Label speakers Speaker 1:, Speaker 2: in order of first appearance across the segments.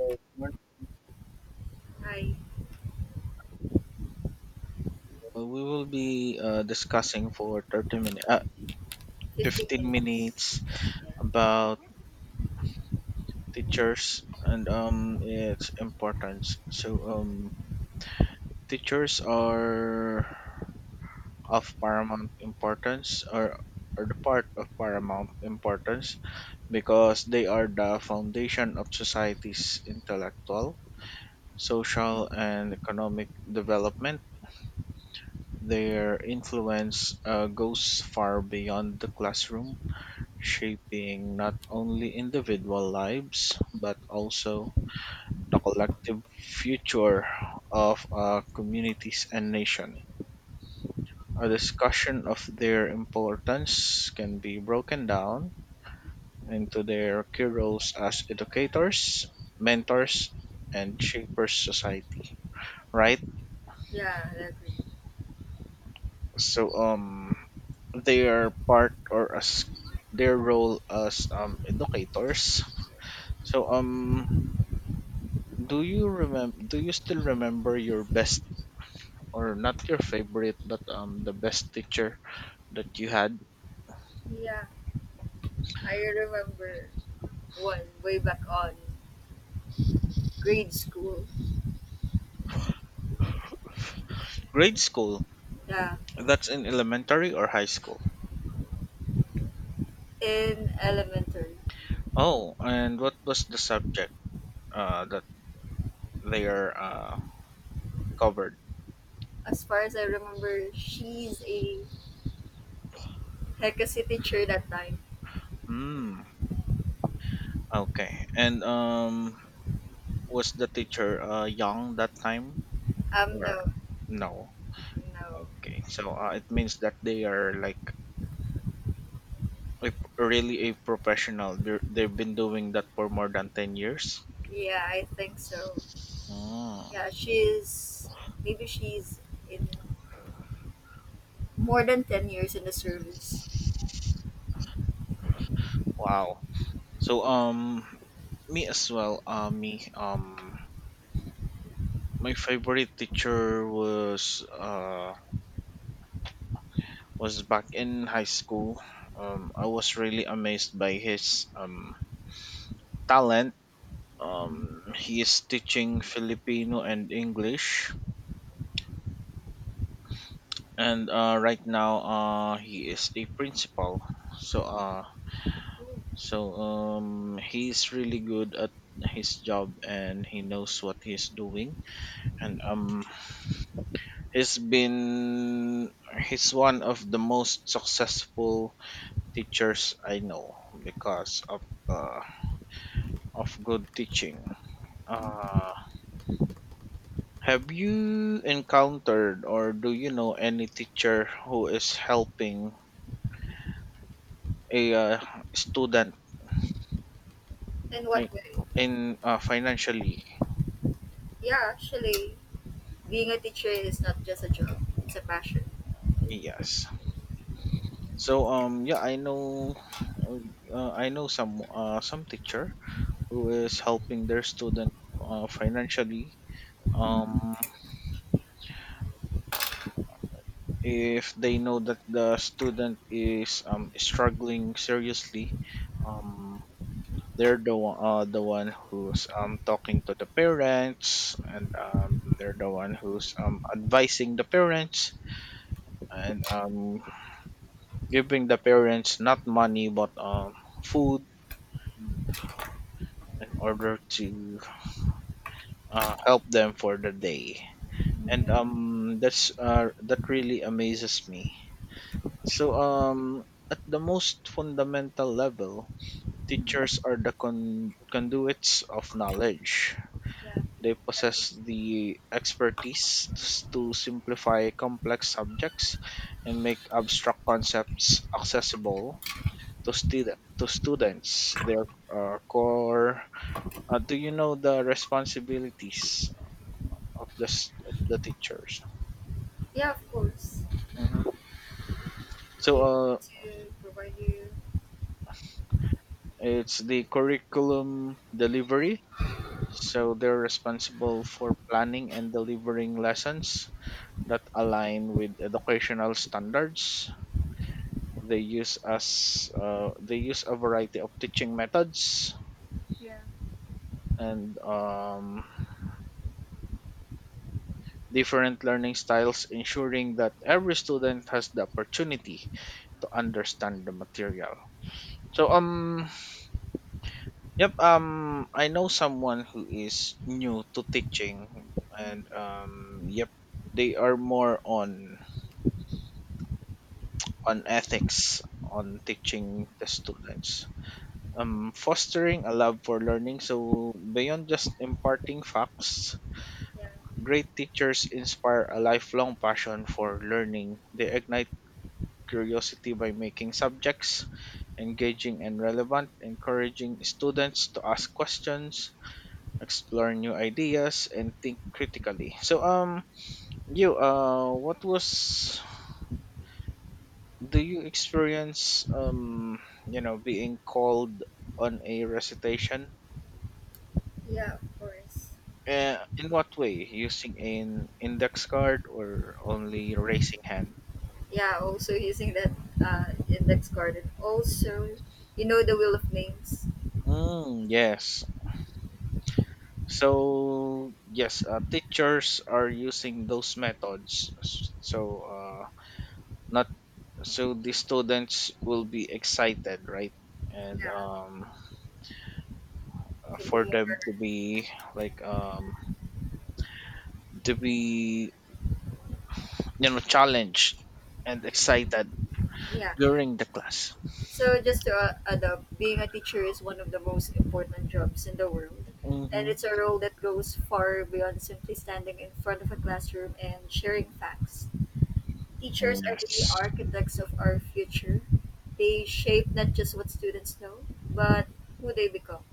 Speaker 1: Uh,
Speaker 2: I
Speaker 1: we will be discussing for 30 minutes
Speaker 2: 15
Speaker 1: 15
Speaker 2: minutes.
Speaker 1: minutes
Speaker 2: Yeah.
Speaker 1: about teachers and its importance. Teachers are of paramount importance, or are the part of paramount importance, because they are the foundation of society's intellectual, social, and economic development. Their influence goes far beyond the classroom, shaping not only individual lives but also the collective future of communities and nation. A discussion of their importance can be broken down into their key roles as educators, mentors, and shapers society. Right?
Speaker 2: Yeah, I agree.
Speaker 1: So um their part, or as their role as educators. So um Do you remember? Do you still remember your best, or not your favorite, but the best teacher that you had?
Speaker 2: Yeah, I remember one way back on grade school.
Speaker 1: Grade school.
Speaker 2: Yeah,
Speaker 1: That's in elementary or high school.
Speaker 2: in elementary.
Speaker 1: Oh, and what was the subject that they are covered?
Speaker 2: As far as I remember, she's a Hecasi teacher that time.
Speaker 1: Hmm. Okay. And was the teacher young that time,
Speaker 2: Um,
Speaker 1: or
Speaker 2: no,
Speaker 1: no?
Speaker 2: no.
Speaker 1: Okay. So it means that they are like really a professional. They've been doing that for more than 10 years.
Speaker 2: Yeah, I think so.
Speaker 1: Ah,
Speaker 2: Yeah, she's maybe she's in more than 10 years in the service.
Speaker 1: wow. So um Me as well, me my favorite teacher was back in high school. I was really amazed by his talent. He is teaching Filipino and English, and right now he is the principal. So uh so he's really good at his job and he knows what he's doing, and He's been he's one of the most successful teachers I know because of good teaching. Uh, have you encountered or do you know any teacher who is helping a student
Speaker 2: In what
Speaker 1: fi-
Speaker 2: way?
Speaker 1: in financially?
Speaker 2: Yeah, actually, being a teacher is not just a job, it's a passion.
Speaker 1: Yes. Yeah, I know some teacher who is helping their student financially. Um if they know that the student is struggling seriously, um, they're the one who's talking to the parents, and they're the one who's advising the parents, and giving the parents not money but food in order to help them for the day. And
Speaker 2: Yeah,
Speaker 1: that's that really amazes me. So um, at the most fundamental level, teachers are the conduits of knowledge.
Speaker 2: yeah,
Speaker 1: They
Speaker 2: I agree.
Speaker 1: possess the expertise to simplify complex subjects and make abstract concepts accessible to students. Their core. Do you know the responsibilities of the of the teachers?
Speaker 2: Yeah, of course.
Speaker 1: Mhm. So,
Speaker 2: They want to provide you.
Speaker 1: it's the curriculum delivery. So they're responsible for planning and delivering lessons that align with educational standards. They use a variety of teaching methods
Speaker 2: Yeah,
Speaker 1: and different learning styles, ensuring that every student has the opportunity to understand the material. So um yep I know someone who is new to teaching, and yep, they are more on ethics on teaching the students, fostering a love for learning. So, beyond just imparting facts,
Speaker 2: yeah,
Speaker 1: great teachers inspire a lifelong passion for learning. They ignite curiosity by making subjects engaging and relevant, encouraging students to ask questions, explore new ideas, and think critically. So, what was, do you experience, being called on a recitation?
Speaker 2: yeah, of course.
Speaker 1: In what way? Using an index card or only raising hand?
Speaker 2: Yeah, also using that index card and also, you know, the wheel of names.
Speaker 1: Mm, yes. So yes, teachers are using those methods. S- So not so the students will be excited, right? And
Speaker 2: Yeah, to be
Speaker 1: for
Speaker 2: more.
Speaker 1: them to be like to be, you know, challenged and excited
Speaker 2: Yeah.
Speaker 1: during the class.
Speaker 2: So just to add up, being a teacher is one of the most important jobs in the world. And
Speaker 1: Mm-hmm.
Speaker 2: it's a role that goes far beyond simply standing in front of a classroom and sharing facts. Teachers are the
Speaker 1: Yes,
Speaker 2: architects of our future. They shape not just what students know, but who they become.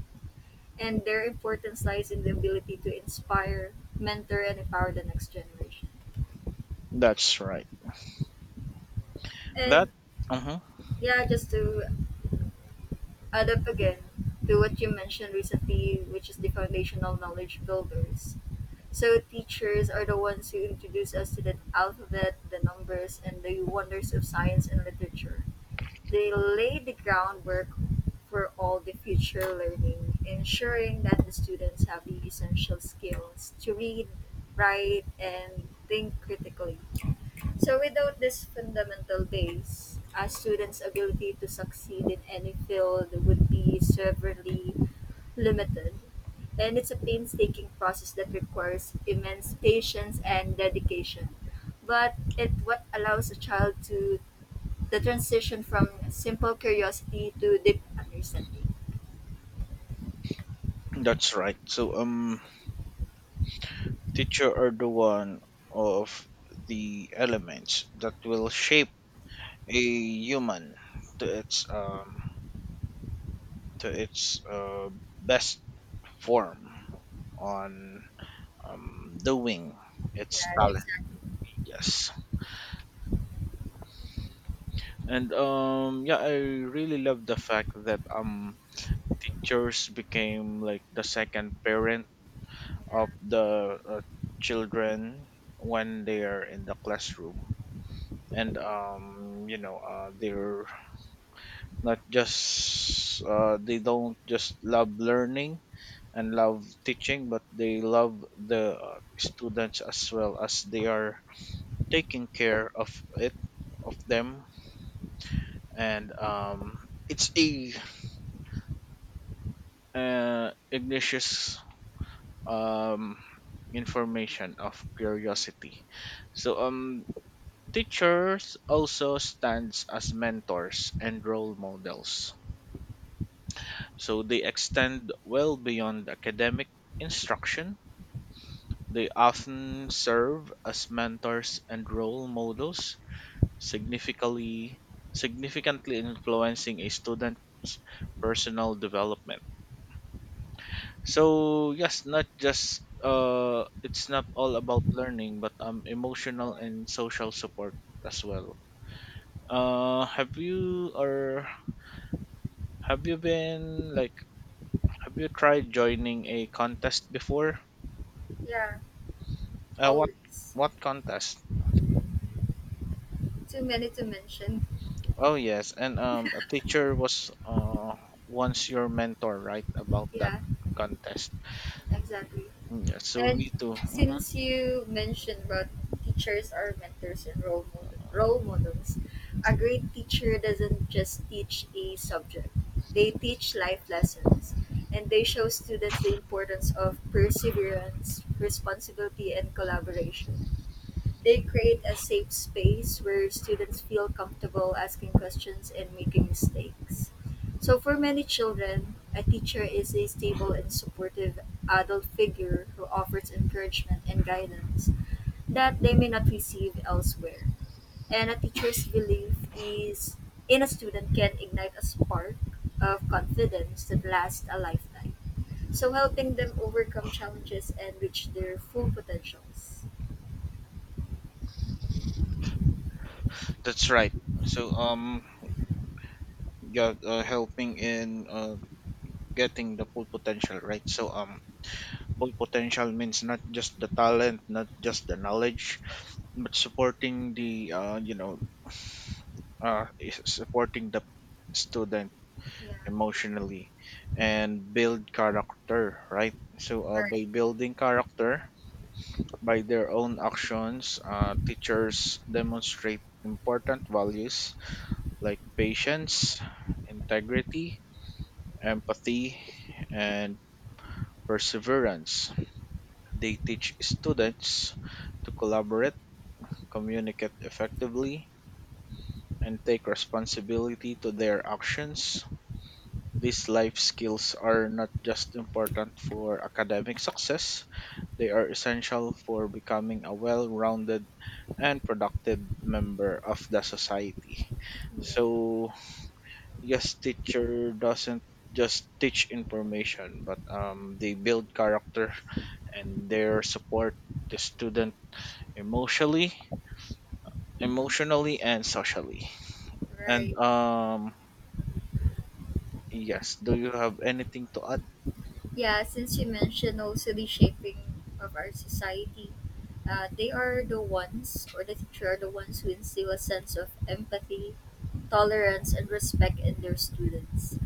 Speaker 2: And their importance lies in the ability to inspire, mentor, and empower the next generation.
Speaker 1: that's right. That.
Speaker 2: And
Speaker 1: Uh-huh.
Speaker 2: yeah, just to add up again to what you mentioned recently, which is the foundational knowledge builders. So teachers are the ones who introduce us to the alphabet, the numbers, and the wonders of science and literature. They laid the groundwork for all the future learning, ensuring that the students have the essential skills to read, write, and think critically. So without this fundamental base, a student's ability to succeed in any field would be severely limited. And it's a painstaking process that requires immense patience and dedication. But it what allows a child to the transition from simple curiosity to deep understanding.
Speaker 1: That's right. So, teacher are the one of the elements that will shape a human to its um to its best form on doing its
Speaker 2: Yeah,
Speaker 1: talent.
Speaker 2: exactly.
Speaker 1: Yes, and yeah, I really love the fact that teachers became like the second parent of the children when they are in the classroom, and you know, they're not just they don't just love learning and love teaching, but they love the students as well, as they are taking care of it of them. And it's a ignatius um information of curiosity. so um Teachers also stands as mentors and role models, so they extend well beyond academic instruction. They often serve as mentors and role models, significantly significantly influencing a student's personal development. So yes, not just it's not all about learning, but emotional and social support as well. Uh, have you or have you been like, have you tried joining a contest before?
Speaker 2: Yeah,
Speaker 1: Uh, what
Speaker 2: always.
Speaker 1: what contest?
Speaker 2: Too many to mention.
Speaker 1: Oh yes, and a teacher was once your mentor, right? About that
Speaker 2: Yeah,
Speaker 1: contest.
Speaker 2: exactly.
Speaker 1: Mm, yeah. So
Speaker 2: And
Speaker 1: me too. Mhm.
Speaker 2: since you mentioned about teachers are mentors and role models, a great teacher doesn't just teach a subject. They teach life lessons and they show students the importance of perseverance, responsibility and collaboration. They create a safe space where students feel comfortable asking questions and making mistakes. So, for many children, a teacher is a stable and supportive adult figure who offers encouragement and guidance that they may not receive elsewhere. And a teacher's belief is in a student can ignite a spark of confidence that lasts a lifetime. So helping them overcome challenges and reach their full potentials.
Speaker 1: That's right. So yeah, helping in getting the full potential, right? So full potential means not just the talent, not just the knowledge, but supporting the is supporting the student
Speaker 2: Yeah.
Speaker 1: emotionally,
Speaker 2: Yeah,
Speaker 1: and build character, right? So by
Speaker 2: right.
Speaker 1: building character, by their own actions, teachers demonstrate important values like patience, integrity, empathy, and perseverance. They teach students to collaborate, communicate effectively, and take responsibility to their actions. These life skills are not just important for academic success, they are essential for becoming a well rounded and productive member of the society. So, yes, teacher doesn't just teach information, but they build character and their support the student emotionally,
Speaker 2: Hmm.
Speaker 1: emotionally and socially. And
Speaker 2: Right.
Speaker 1: yes, do you have anything to add?
Speaker 2: Yeah, since you mentioned also the shaping of our society, they are the ones, or the teacher are the ones who instill a sense of empathy, tolerance, and respect in their students.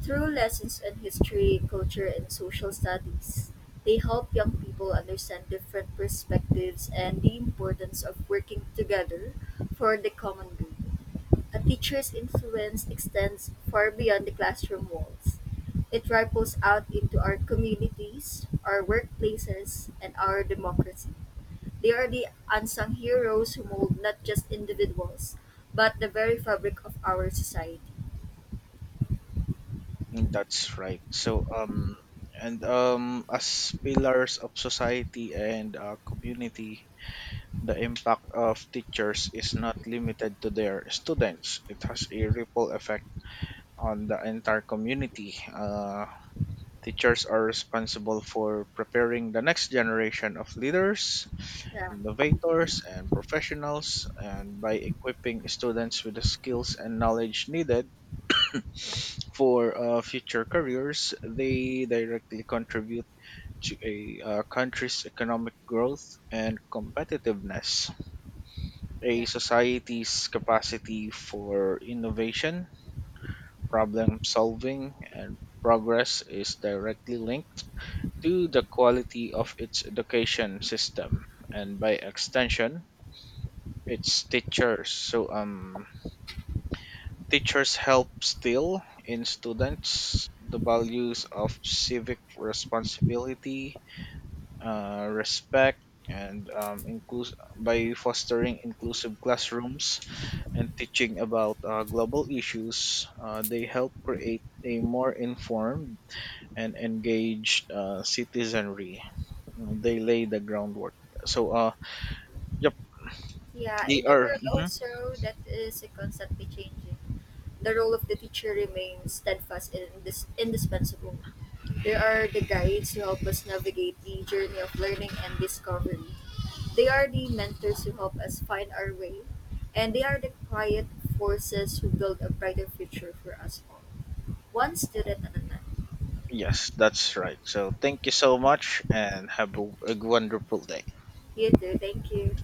Speaker 2: Through lessons in history, culture, and social studies, they help young people understand different perspectives and the importance of working together for the common good. A teacher's influence extends far beyond the classroom walls. It ripples out into our communities, our workplaces, and our democracy. They are the unsung heroes who mold not just individuals, but the very fabric of our society.
Speaker 1: Mm, that's right. So, and as pillars of society and community, the impact of teachers is not limited to their students. It has a ripple effect on the entire community. Teachers are responsible for preparing the next generation of leaders,
Speaker 2: Yeah,
Speaker 1: innovators, and professionals, and by equipping students with the skills and knowledge needed for future careers, they directly contribute to a country's economic growth and competitiveness. A
Speaker 2: yeah.
Speaker 1: society's capacity for innovation, problem solving, and progress is directly linked to the quality of its education system, and by extension its teachers. So Teachers help still in students the values of civic responsibility, respect, and by fostering inclusive classrooms and teaching about global issues, they help create a more informed and engaged citizenry. They lay the groundwork. So, yep,
Speaker 2: Yeah,
Speaker 1: they
Speaker 2: in a
Speaker 1: are.
Speaker 2: world
Speaker 1: Mhm.
Speaker 2: also that is constantly changing, the role of the teacher remains steadfast and indispensable. They are the guides who help us navigate the journey of learning and discovery. They are the mentors who help us find our way, and they are the quiet forces who build a brighter future for us all. One student at a time.
Speaker 1: Yes, that's right. So, thank you so much and have a wonderful day.
Speaker 2: You too, thank you.